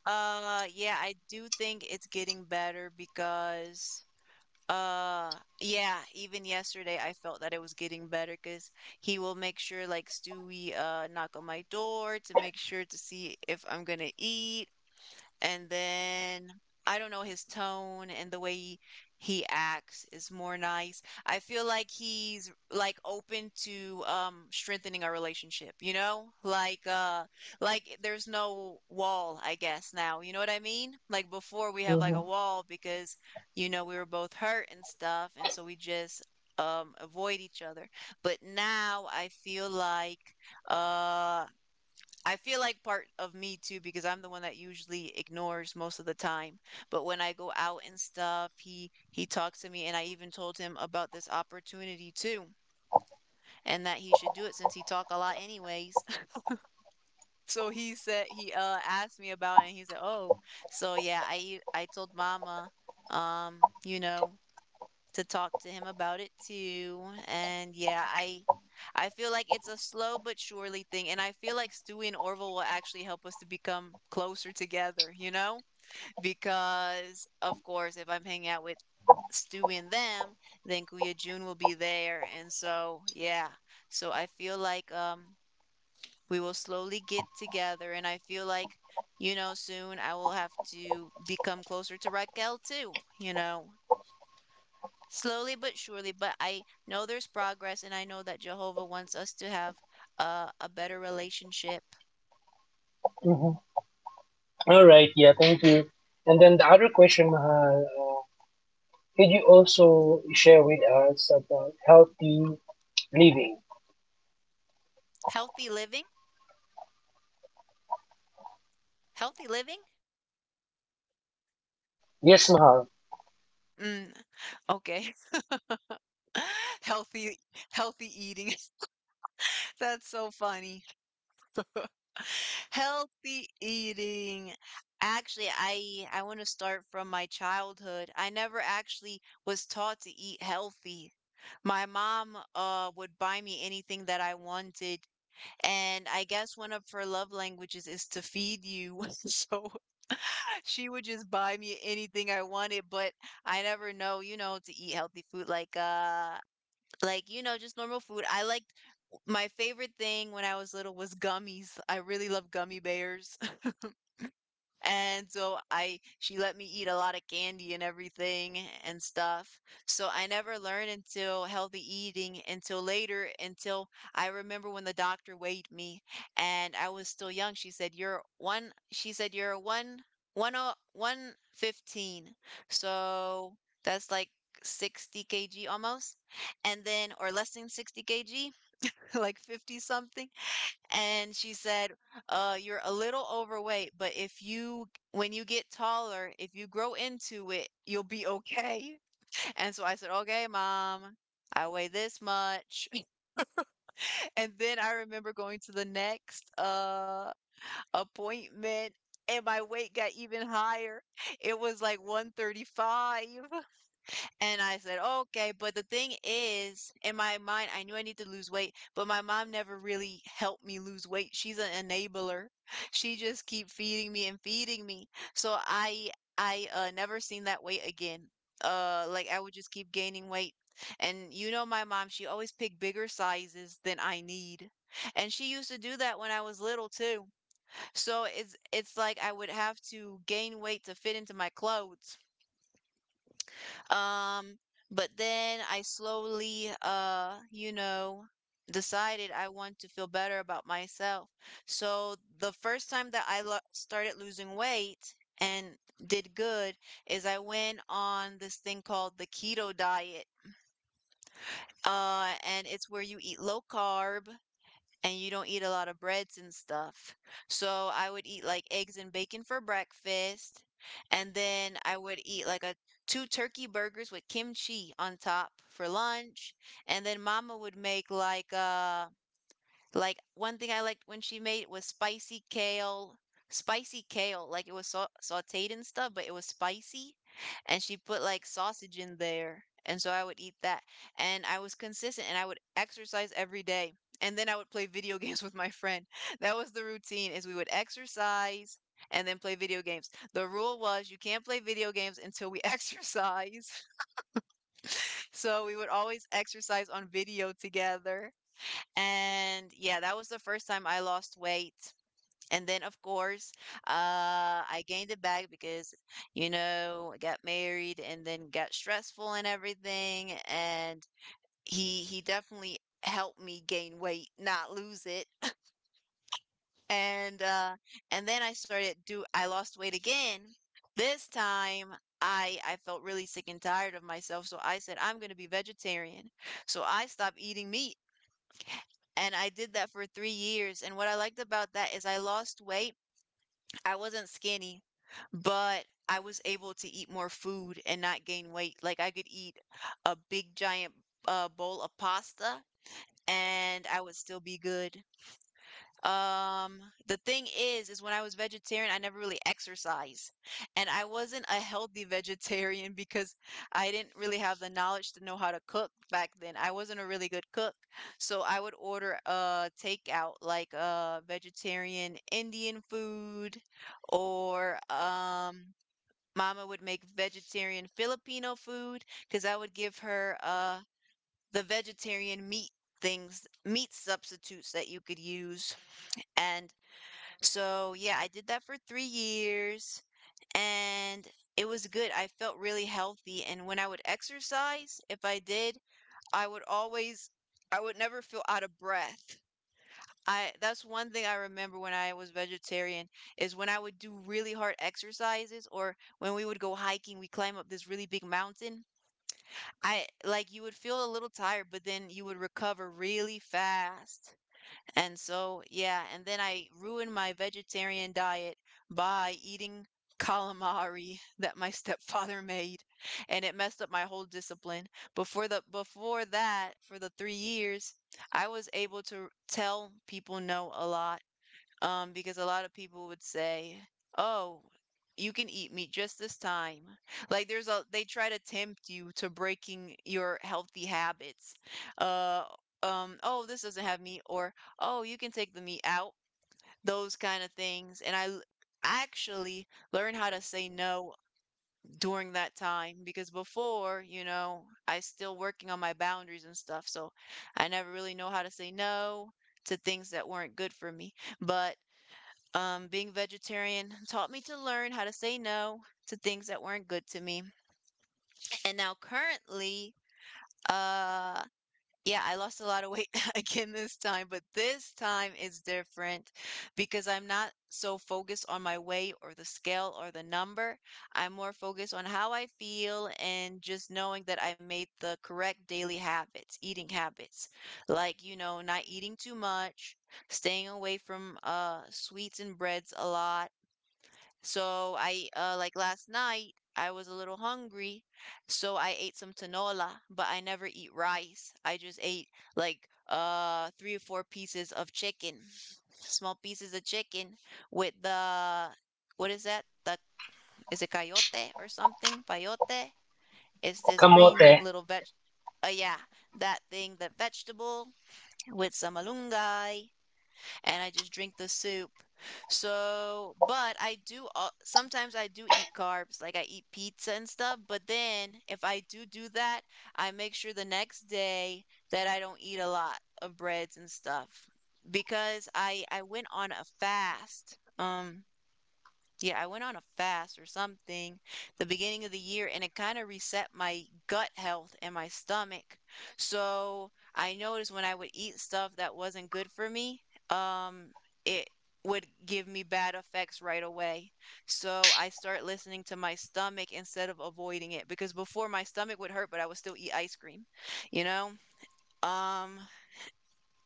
A: yeah, I do think it's getting better because, yeah, even yesterday I felt that it was getting better because he will make sure, like, Stewie, knock on my door to make sure to see if I'm gonna eat. And then I don't know, his tone and the way he acts is more nice. I feel like he's like open to strengthening our relationship, you know? Like there's no wall, I guess, now. You know what I mean? Like before we have like
B: Mm-hmm.
A: a wall because you know we were both hurt and stuff, and so we just avoid each other. But now uh I feel like part of me too, because I'm the one that usually ignores most of the time. But when I go out and stuff, he talks to me, and I even told him about this opportunity too, and that he should do it since he talk a lot anyways. So he said he asked me about it, and he said, "Oh, so yeah, I told Mama, um, you know." to talk to him about it too. And yeah, I feel like it's a slow but surely thing. And I feel like Stewie and Orville will actually help us to become closer together, you know? Because of course if I'm hanging out with Stewie and them, then Kuya June will be there. And so yeah. So I feel like we will slowly get together, and I feel like, you know, soon I will have to become closer to Raquel too, you know, slowly but surely. But I know there's progress, and I know that Jehovah wants us to have a better relationship.
B: Mm-hmm. All right, yeah, thank you. And then the other question, Mahal, could you also share with us about healthy living?
A: Healthy living. Healthy living.
B: Yes, Mahal.
A: Mm, okay. Healthy, healthy eating. That's so funny. Healthy eating. Actually, I want to start from my childhood. I never actually was taught to eat healthy. My mom would buy me anything that I wanted. And I guess one of her love languages is to feed you. So she would just buy me anything I wanted, but I never know, you know, to eat healthy food, like like, you know, just normal food. I liked, my favorite thing when I was little was gummies. I really love gummy bears. And so I she let me eat a lot of candy and everything and stuff. So I never learned until healthy eating until later, until I remember when the doctor weighed me and I was still young. She said you're one one oh 115. So that's like 60 kg almost, and then or less than 60 kg, like 50 something. And she said, You're a little overweight, but if you when you get taller, if you grow into it, you'll be okay." And so I said, "Okay, Mom. I weigh this much." And then I remember going to the next appointment, and my weight got even higher. It was like 135. And I said, "Okay." But the thing is, in my mind, I knew I need to lose weight, but my mom never really helped me lose weight. She's an enabler. She just keep feeding me and feeding me. So I never seen that weight again. Like, I would just keep gaining weight. And you know my mom, she always picked bigger sizes than I need. And she used to do that when I was little too. So it's like I would have to gain weight to fit into my clothes. Um, but then I slowly, you know, decided I want to feel better about myself. So the first time that started losing weight and did good is I went on this thing called the keto diet. And it's where you eat low carb and you don't eat a lot of breads and stuff. So I would eat like eggs and bacon for breakfast, and then I would eat like a two turkey burgers with kimchi on top for lunch, and then Mama would make like like, one thing I liked when she made was spicy kale, spicy kale. Like it was sautéed and stuff, but it was spicy, and she put like sausage in there. And so I would eat that, and I was consistent, and I would exercise every day, and then I would play video games with my friend. That was the routine: is we would exercise and then play video games. The rule was you can't play video games until we exercise. So we would always exercise on video together. And yeah, that was the first time I lost weight. And then, of course, uh, I gained it back because, you know, I got married and then got stressful and everything. And he definitely helped me gain weight, not lose it. And uh, and then I started do I lost weight again. This time I felt really sick and tired of myself, so I said I'm going to be vegetarian. So I stopped eating meat, and I did that for 3 years, and what I liked about that is I lost weight. I wasn't skinny, but I was able to eat more food and not gain weight. Like, I could eat a big giant bowl of pasta and I would still be good. Um, the thing is when I was vegetarian, I never really exercised. And I wasn't a healthy vegetarian because I didn't really have the knowledge to know how to cook back then. I wasn't a really good cook. So I would order takeout like vegetarian Indian food, or Mama would make vegetarian Filipino food because I would give her the vegetarian meat things, meat substitutes that you could use. And so, yeah, I did that for 3 years, and it was good. I felt really healthy, and when I would exercise, if I did, I would always I would never feel out of breath. I That's one thing I remember when I was vegetarian, is when I would do really hard exercises or when we would go hiking, we climb up this really big mountain. I Like, you would feel a little tired, but then you would recover really fast. And so, yeah, and then I ruined my vegetarian diet by eating calamari that my stepfather made, and it messed up my whole discipline. Before that, for the 3 years, I was able to tell people no a lot, because a lot of people would say, "Oh, you can eat meat just this time." Like, there's a they try to tempt you to breaking your healthy habits. Uh, oh, this doesn't have meat, or oh, you can take the meat out. Those kind of things, and actually learned how to say no during that time because before, you know, I still working on my boundaries and stuff, so I never really know how to say no to things that weren't good for me. But being vegetarian taught me to learn how to say no to things that weren't good to me. And now currently, uh, yeah, I lost a lot of weight again this time, but this time is different because I'm not so focused on my weight or the scale or the number. I'm more focused on how I feel and just knowing that I made the correct daily habits, eating habits, not eating too much, staying away from sweets and breads a lot. So I like last night I was a little hungry, so I ate some tinola, but I never eat rice. I just ate like three or four pieces of chicken, small pieces of chicken with the— what is that? The— is it coyote or something? Payote? It's this
B: Kamote.
A: green little veg. Yeah, that thing, that vegetable with some malunggay, and I just drink the soup. So, but sometimes I do eat carbs, like I eat pizza and stuff, but then if I do do that, I make sure the next day that I don't eat a lot of breads and stuff because I went on a fast. Yeah, I went on a fast or something the beginning of the year, and it kind of reset my gut health and my stomach. So I noticed when I would eat stuff that wasn't good for me, um, it would give me bad effects right away. So I start listening to my stomach instead of avoiding it because before my stomach would hurt, but I would still eat ice cream, you know? Um,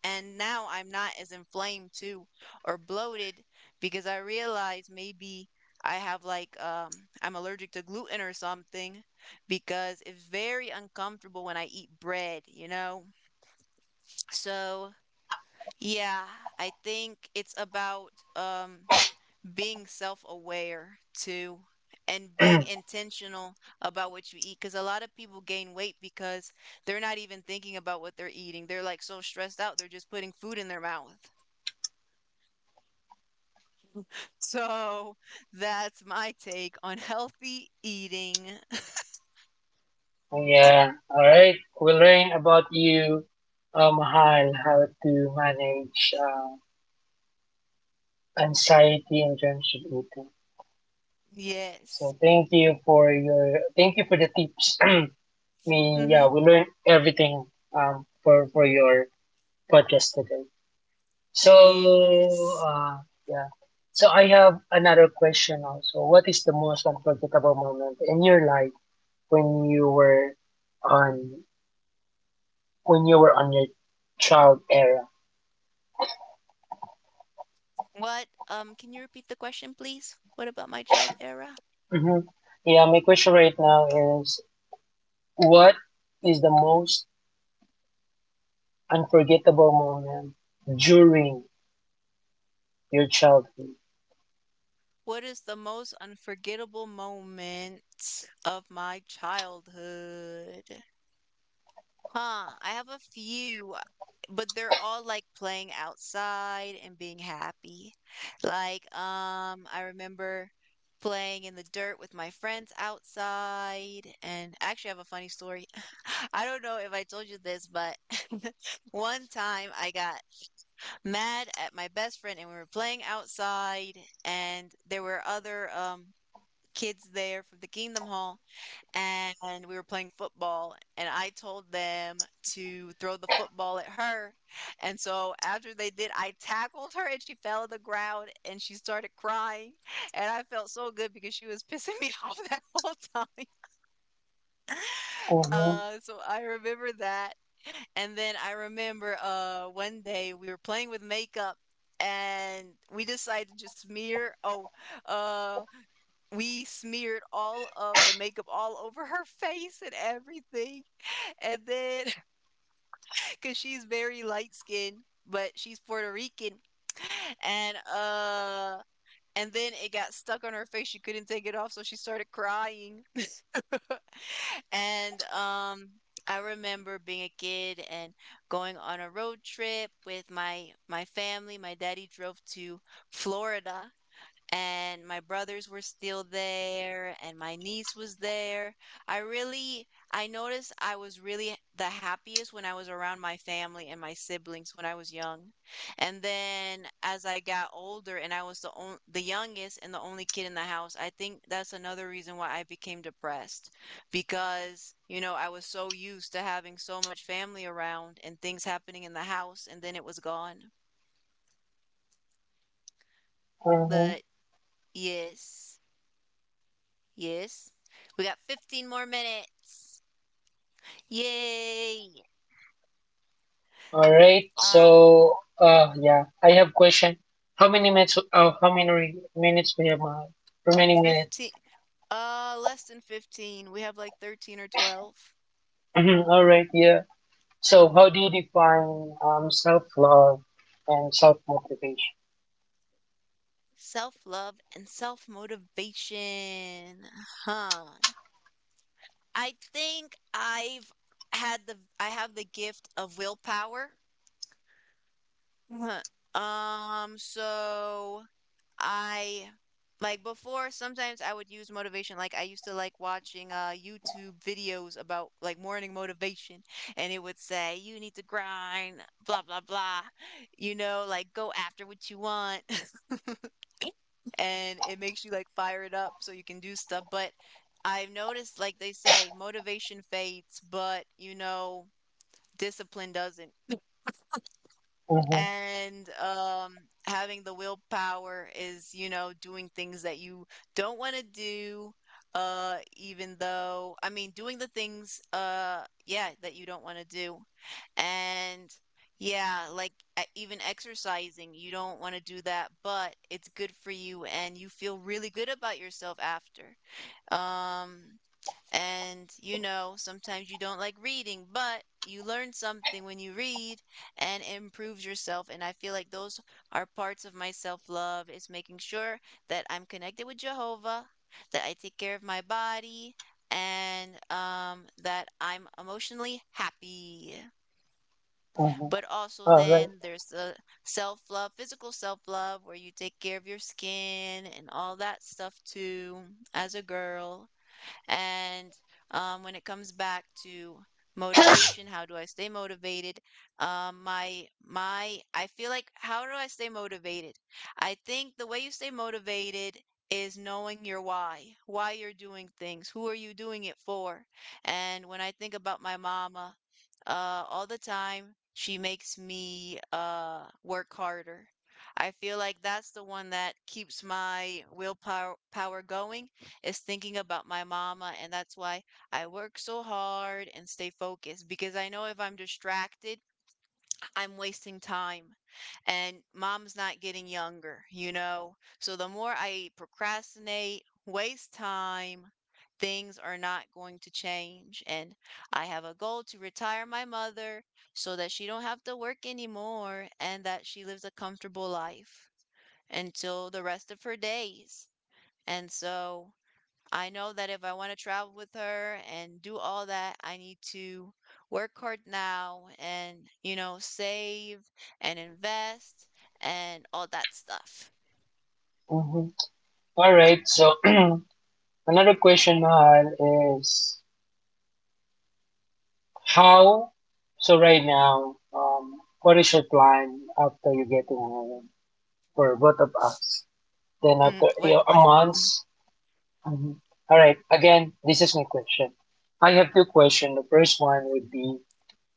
A: and now I'm not as inflamed too or bloated because I realize maybe I have like I'm allergic to gluten or something because it's very uncomfortable when I eat bread, you know? So, yeah, I think it's about being self-aware too and being intentional about what you eat because a lot of people gain weight because they're not even thinking about what they're eating. They're like so stressed out, they're just putting food in their mouth. So that's my take on healthy eating. Oh.
B: Yeah, all right. We'll learn about you, Mahal, how to manage, anxiety in terms of eating.
A: Yes.
B: So thank you for your thank you for the tips. we yeah
A: Mm-hmm.
B: we learned everything, for your podcast today. So
A: Yes.
B: uh yeah. So I have another question also. What is the most unforgettable moment in your life, when you were on when you were on your child era?
A: What, can you repeat the question, please? What about my child era?
B: Mm-hmm. Yeah, my question right now is, what is the most unforgettable moment during your childhood?
A: What is the most unforgettable moment of my childhood? Huh, I have a few, but they're all like playing outside and being happy. Like, I remember playing in the dirt with my friends outside, and I actually have a funny story. I don't know if I told you this, but one time I got mad at my best friend and we were playing outside and there were other kids there from the Kingdom Hall, and we were playing football, and I told them to throw the football at her. And so after they did, I tackled her and she fell on the ground and she started crying. And I felt so good because she was pissing me off that whole time.
B: Mm-hmm.
A: So I remember that. And then I remember one day we were playing with makeup and we decided to just smear— oh, uh, we smeared all of the makeup all over her face and everything. And then, because she's very light skinned, but she's Puerto Rican. And, uh, and then it got stuck on her face. She couldn't take it off, so she started crying. And I remember being a kid and going on a road trip with my family. My daddy drove to Florida, and my brothers were still there and my niece was there. I noticed I was really the happiest when I was around my family and my siblings when I was young. And then as I got older and I was the on, the youngest and the only kid in the house, I think that's another reason why I became depressed because, you know, I was so used to having so much family around and things happening in the house and then it was gone.
B: Mm-hmm.
A: But yes. Yes. We got 15 more minutes. Yay.
B: All right.
A: Uh
B: So, yeah, I have question. How many minutes? How many minutes we have? Remaining minutes.
A: 15— less than 15. We have like 13 or 12.
B: Mhm. All right. Yeah. So, how do you define, self love and self motivation?
A: Self-love and self-motivation. Huh. I think I've had the I have the gift of willpower. So I— like before sometimes I would use motivation. Like I used to like watching YouTube videos about like morning motivation, and it would say you need to grind, blah blah blah, you know, like go after what you want. And it makes you like fire it up so you can do stuff, but I've noticed like they say motivation fades, but you know, discipline doesn't.
B: Mm-hmm.
A: And having the willpower is, you know, doing things that you don't want to do. Uh even though i mean doing the things, yeah, that you don't want to do. And yeah, like even exercising, you don't want to do that, but it's good for you and you feel really good about yourself after. um and you know, sometimes you don't like reading, but you learn something when you read and it improves yourself. And I feel like those are parts of my self love, is making sure that I'm connected with Jehovah, that I take care of my body, and that I'm emotionally happy.
B: Mm-hmm.
A: But also,
B: All right.
A: then there's the self love, physical self love, where you take care of your skin and all that stuff too, as a girl. And when it comes back to motivation, how do I stay motivated? My I feel like how do I stay motivated? I think the way you stay motivated is knowing your why you're doing things, who are you doing it for? And when I think about my mama, all the time, she makes me work harder. I feel like that's the one that keeps my willpower power going is thinking about my mama, and that's why I work so hard and stay focused because I know if I'm distracted, I'm wasting time and mom's not getting younger, you know? So the more I procrastinate, waste time, things are not going to change. And I have a goal to retire my mother so that she don't have to work anymore and that she lives a comfortable life until the rest of her days. And so I know that if I want to travel with her and do all that, I need to work hard now and, you know, save and invest and all that stuff.
B: Mm-hmm. All right. So, another question, Mahal, is how. So right now, what is your plan after you get to, for both of us? Then
A: Mm,
B: after,
A: what is the
B: a
A: plan?
B: month.
A: Mm.
B: Mhm. All right. Again, this is my question. I have two questions. The first one would be: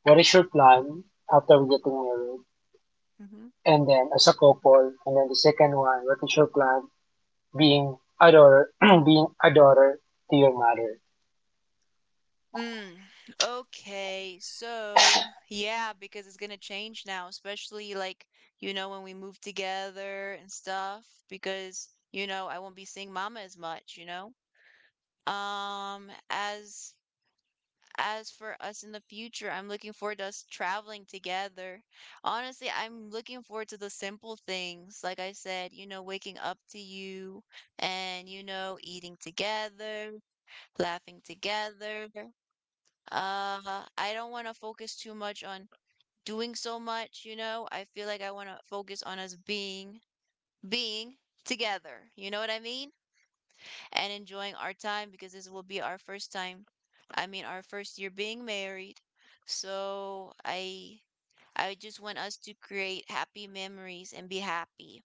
B: What is your plan after we getting married?
A: Hmm.
B: And then as a couple. And then the second one: What is your plan being a daughter, being a daughter to your mother?
A: Mm, okay, so yeah, because it's gonna change now, especially like, you know, when we move together and stuff, because, you know, I won't be seeing mama as much, you know? Um, as as for us in the future, I'm looking forward to us traveling together. Honestly, I'm looking forward to the simple things. Like I said, you know, waking up to you and, you know, eating together, laughing together. I don't want to focus too much on doing so much, you know. I feel like I want to focus on us being together. You know what I mean? And enjoying our time because this will be our first time. I mean, our first year being married. So I just want us to create happy memories and be happy.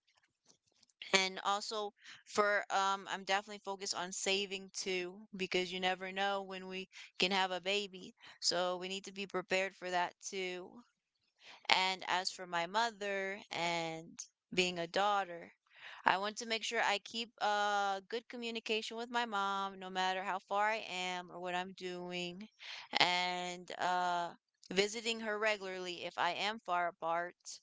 A: And also for I'm definitely focused on saving too because you never know when we can have a baby. So we need to be prepared for that too. And as for my mother and being a daughter, I want to make sure I keep good communication with my mom, no matter how far I am or what I'm doing, and visiting her regularly if I am far apart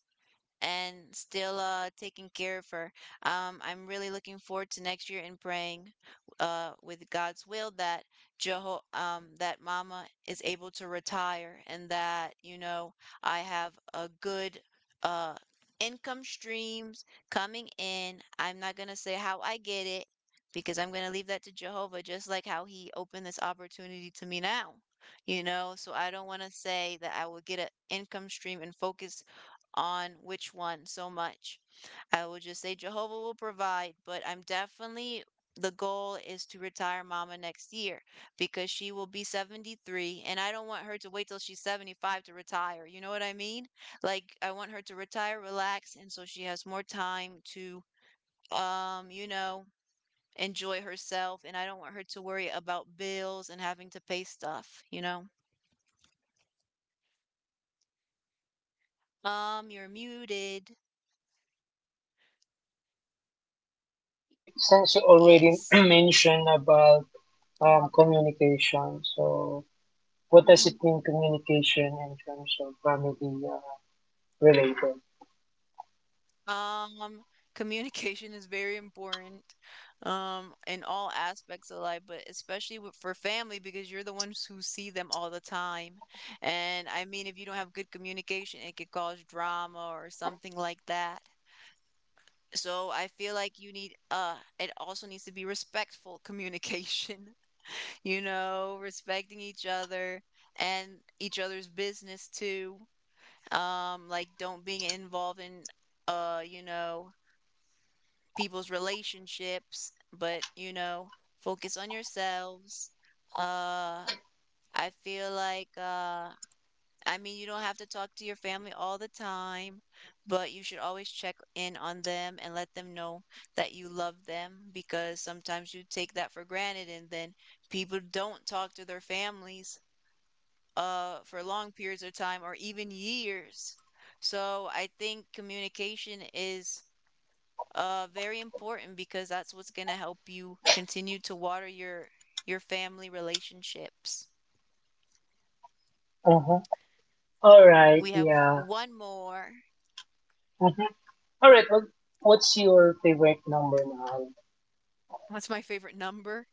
A: and still taking care of her. I'm really looking forward to next year and praying with God's will that Jeho that Mama is able to retire and that, you know, I have a good uh income streams coming in. I'm not gonna say how I get it because I'm gonna leave that to Jehovah, just like how he opened this opportunity to me now. You know, so I don't want to say that I will get an income stream and focus on which one so much. I would just say Jehovah will provide, but I'm definitely— the goal is to retire mama next year because she will be 73 and I don't want her to wait till she's 75 to retire. You know what I mean? Like I want her to retire, relax, and so she has more time to you know, enjoy herself, and I don't want her to worry about bills and having to pay stuff, you know. You're muted.
B: Okay, since you already
A: Yes.
B: mentioned about, communication, so what does
A: Mm-hmm.
B: it mean communication in terms of family, related?
A: Um, communication is very important, in all aspects of life, but especially with— for family because you're the ones who see them all the time. And I mean, if you don't have good communication, it could cause drama or something like that. So I feel like you need— it also needs to be respectful communication, you know, respecting each other and each other's business too. Like don't being involved in, uh, you know, people's relationships, but focus on yourselves. Uh, I feel like I mean, you don't have to talk to your family all the time, but you should always check in on them and let them know that you love them because sometimes you take that for granted and then people don't talk to their families for long periods of time or even years. So I think communication is very important because that's what's going to help you continue to water your family relationships.
B: Uh-huh. All right.
A: We have
B: Yeah.
A: one more.
B: Mhm. All right. What's your favorite number, Mahal?
A: What's my favorite number?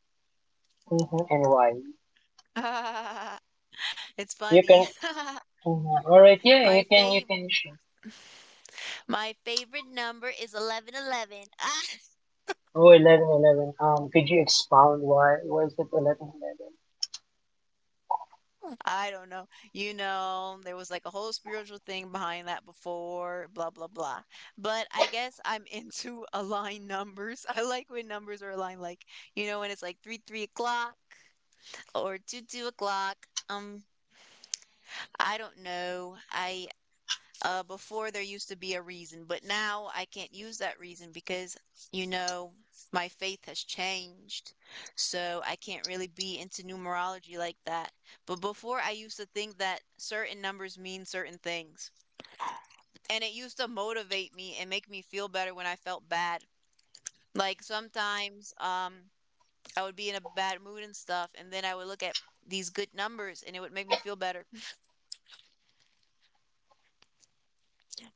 B: Mm-hmm. And why?
A: It's
B: You
A: funny.
B: can. Mhm. All right. Yeah,
A: my
B: you can.
A: fav
B: You can. Share.
A: my favorite number is 1111.
B: Oh, 11, 11. Could you expound why? Why is it 11, 11?
A: I don't know. There was like a whole spiritual thing behind that before, blah blah blah. But I guess I'm into aligned numbers. I like when numbers are aligned like, you know, when it's like 3 o'clock or to 2 o'clock. Um, I don't know. I Before there used to be a reason, but now I can't use that reason because you know my faith has changed. So I can't really be into numerology like that. But before I used to think that certain numbers mean certain things, and it used to motivate me and make me feel better when I felt bad. Like sometimes I would be in a bad mood and stuff, and then I would look at these good numbers and it would make me feel better.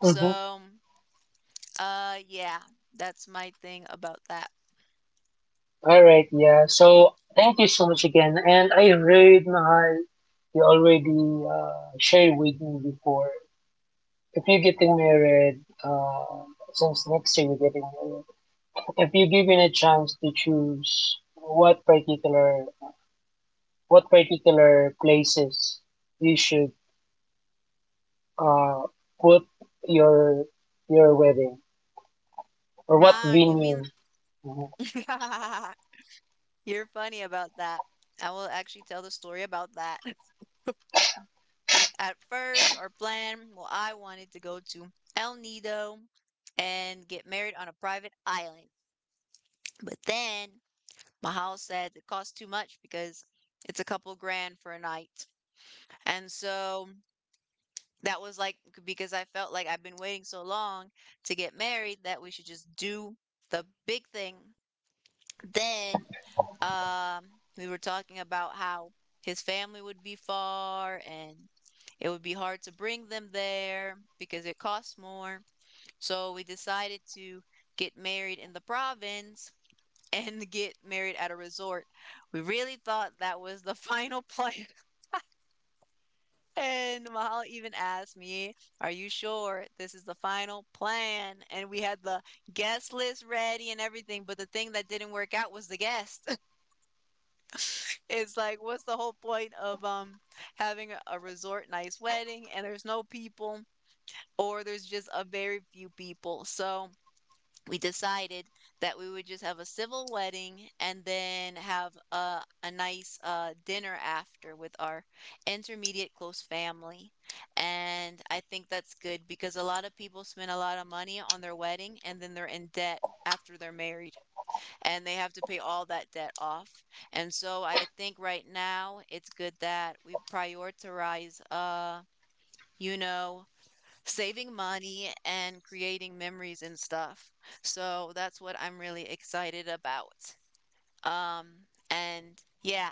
B: 11? Mm-hmm.
A: yeah, that's my thing about that.
B: All right. Yeah. So thank you so much again. And I read Mahal, you already, shared with me before. If you're getting married, since next year you're getting married, if you're given a chance to choose, what particular places you should, uh, put your your wedding or what
A: Ah, you
B: venue.
A: mean
B: Mhm.
A: you're funny about that. I will actually tell the story about that. At first, our plan, well, I wanted to go to El Nido and get married on a private island. But then Mahal said it costs too much because it's a couple grand for a night. And so that was like because I felt like I've been waiting so long to get married that we should just do the big thing. Then um we were talking about how his family would be far and it would be hard to bring them there because it costs more. So we decided to get married in the province and get married at a resort. We really thought that was the final plan. And Mahal even asked me, "Are you sure this is the final plan?" And we had the guest list ready and everything, but the thing that didn't work out was the guest. It's like, what's the whole point of having a resort nice wedding, and there's no people or there's just a very few people? So we decided that we would just have a civil wedding and then have a nice dinner after with our intermediate close family. And I think that's good because a lot of people spend a lot of money on their wedding and then they're in debt after they're married and they have to pay all that debt off. And so I think right now it's good that we prioritize you know saving money and creating memories and stuff. So that's what I'm really excited about. Um, and yeah,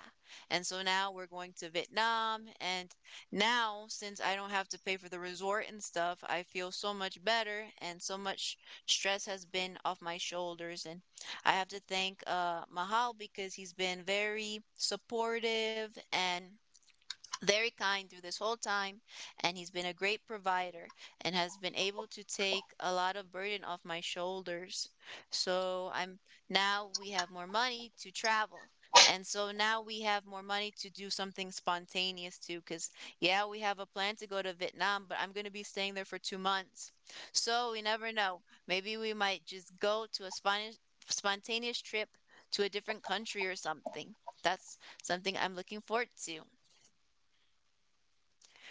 A: and so now we're going to Vietnam. And now, since I don't have to pay for the resort and stuff, I feel so much better, and so much stress has been off my shoulders. And I have to thank Mahal because he's been very supportive and very kind through this whole time, and he's been a great provider and has been able to take a lot of burden off my shoulders, so I'm now we have more money to travel, and so now we have more money to do something spontaneous too because yeah, we have a plan to go to Vietnam, but I'm going to be staying there for 2 months, so we never know, maybe we might just go to a spontaneous trip to a different country or something. That's something I'm looking forward to.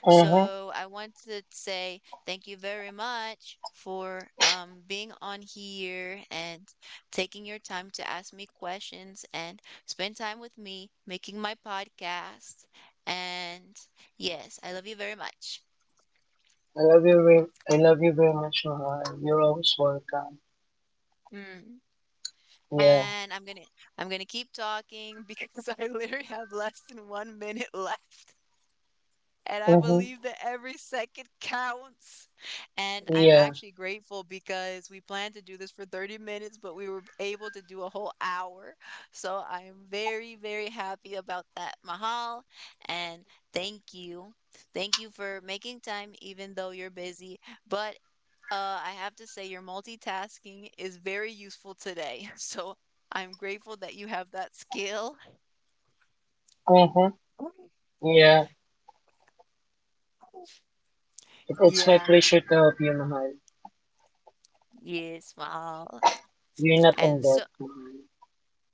B: Mhm.
A: So I want to say thank you very much for being on here and taking your time to ask me questions and spend time with me making my podcast. And yes, I love you very much.
B: I love you very much, Mahal. You're always welcome.
A: Mm.
B: Yeah.
A: And I'm gonna keep talking because I literally have less than 1 minute left. And I
B: Mhm.
A: believe that every second counts. And I'm
B: Yeah.
A: actually grateful because we planned to do this for 30 minutes, but we were able to do a whole hour. So I am very, very happy about that, Mahal. And thank you. Thank you for making time, even though you're busy. But I have to say, your multitasking is very useful today. So I'm grateful that you have that skill.
B: Mhm. Yeah. It's my
A: Yeah.
B: pleasure to help you, Mahal.
A: Yes, Mahal.
B: You're not in
A: And so,
B: debt, Mahal.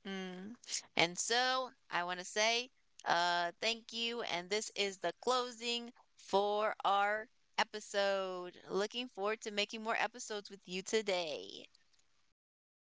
A: Mm. and so I want to say thank you. And this is the closing for our episode. Looking forward to making more episodes with you today.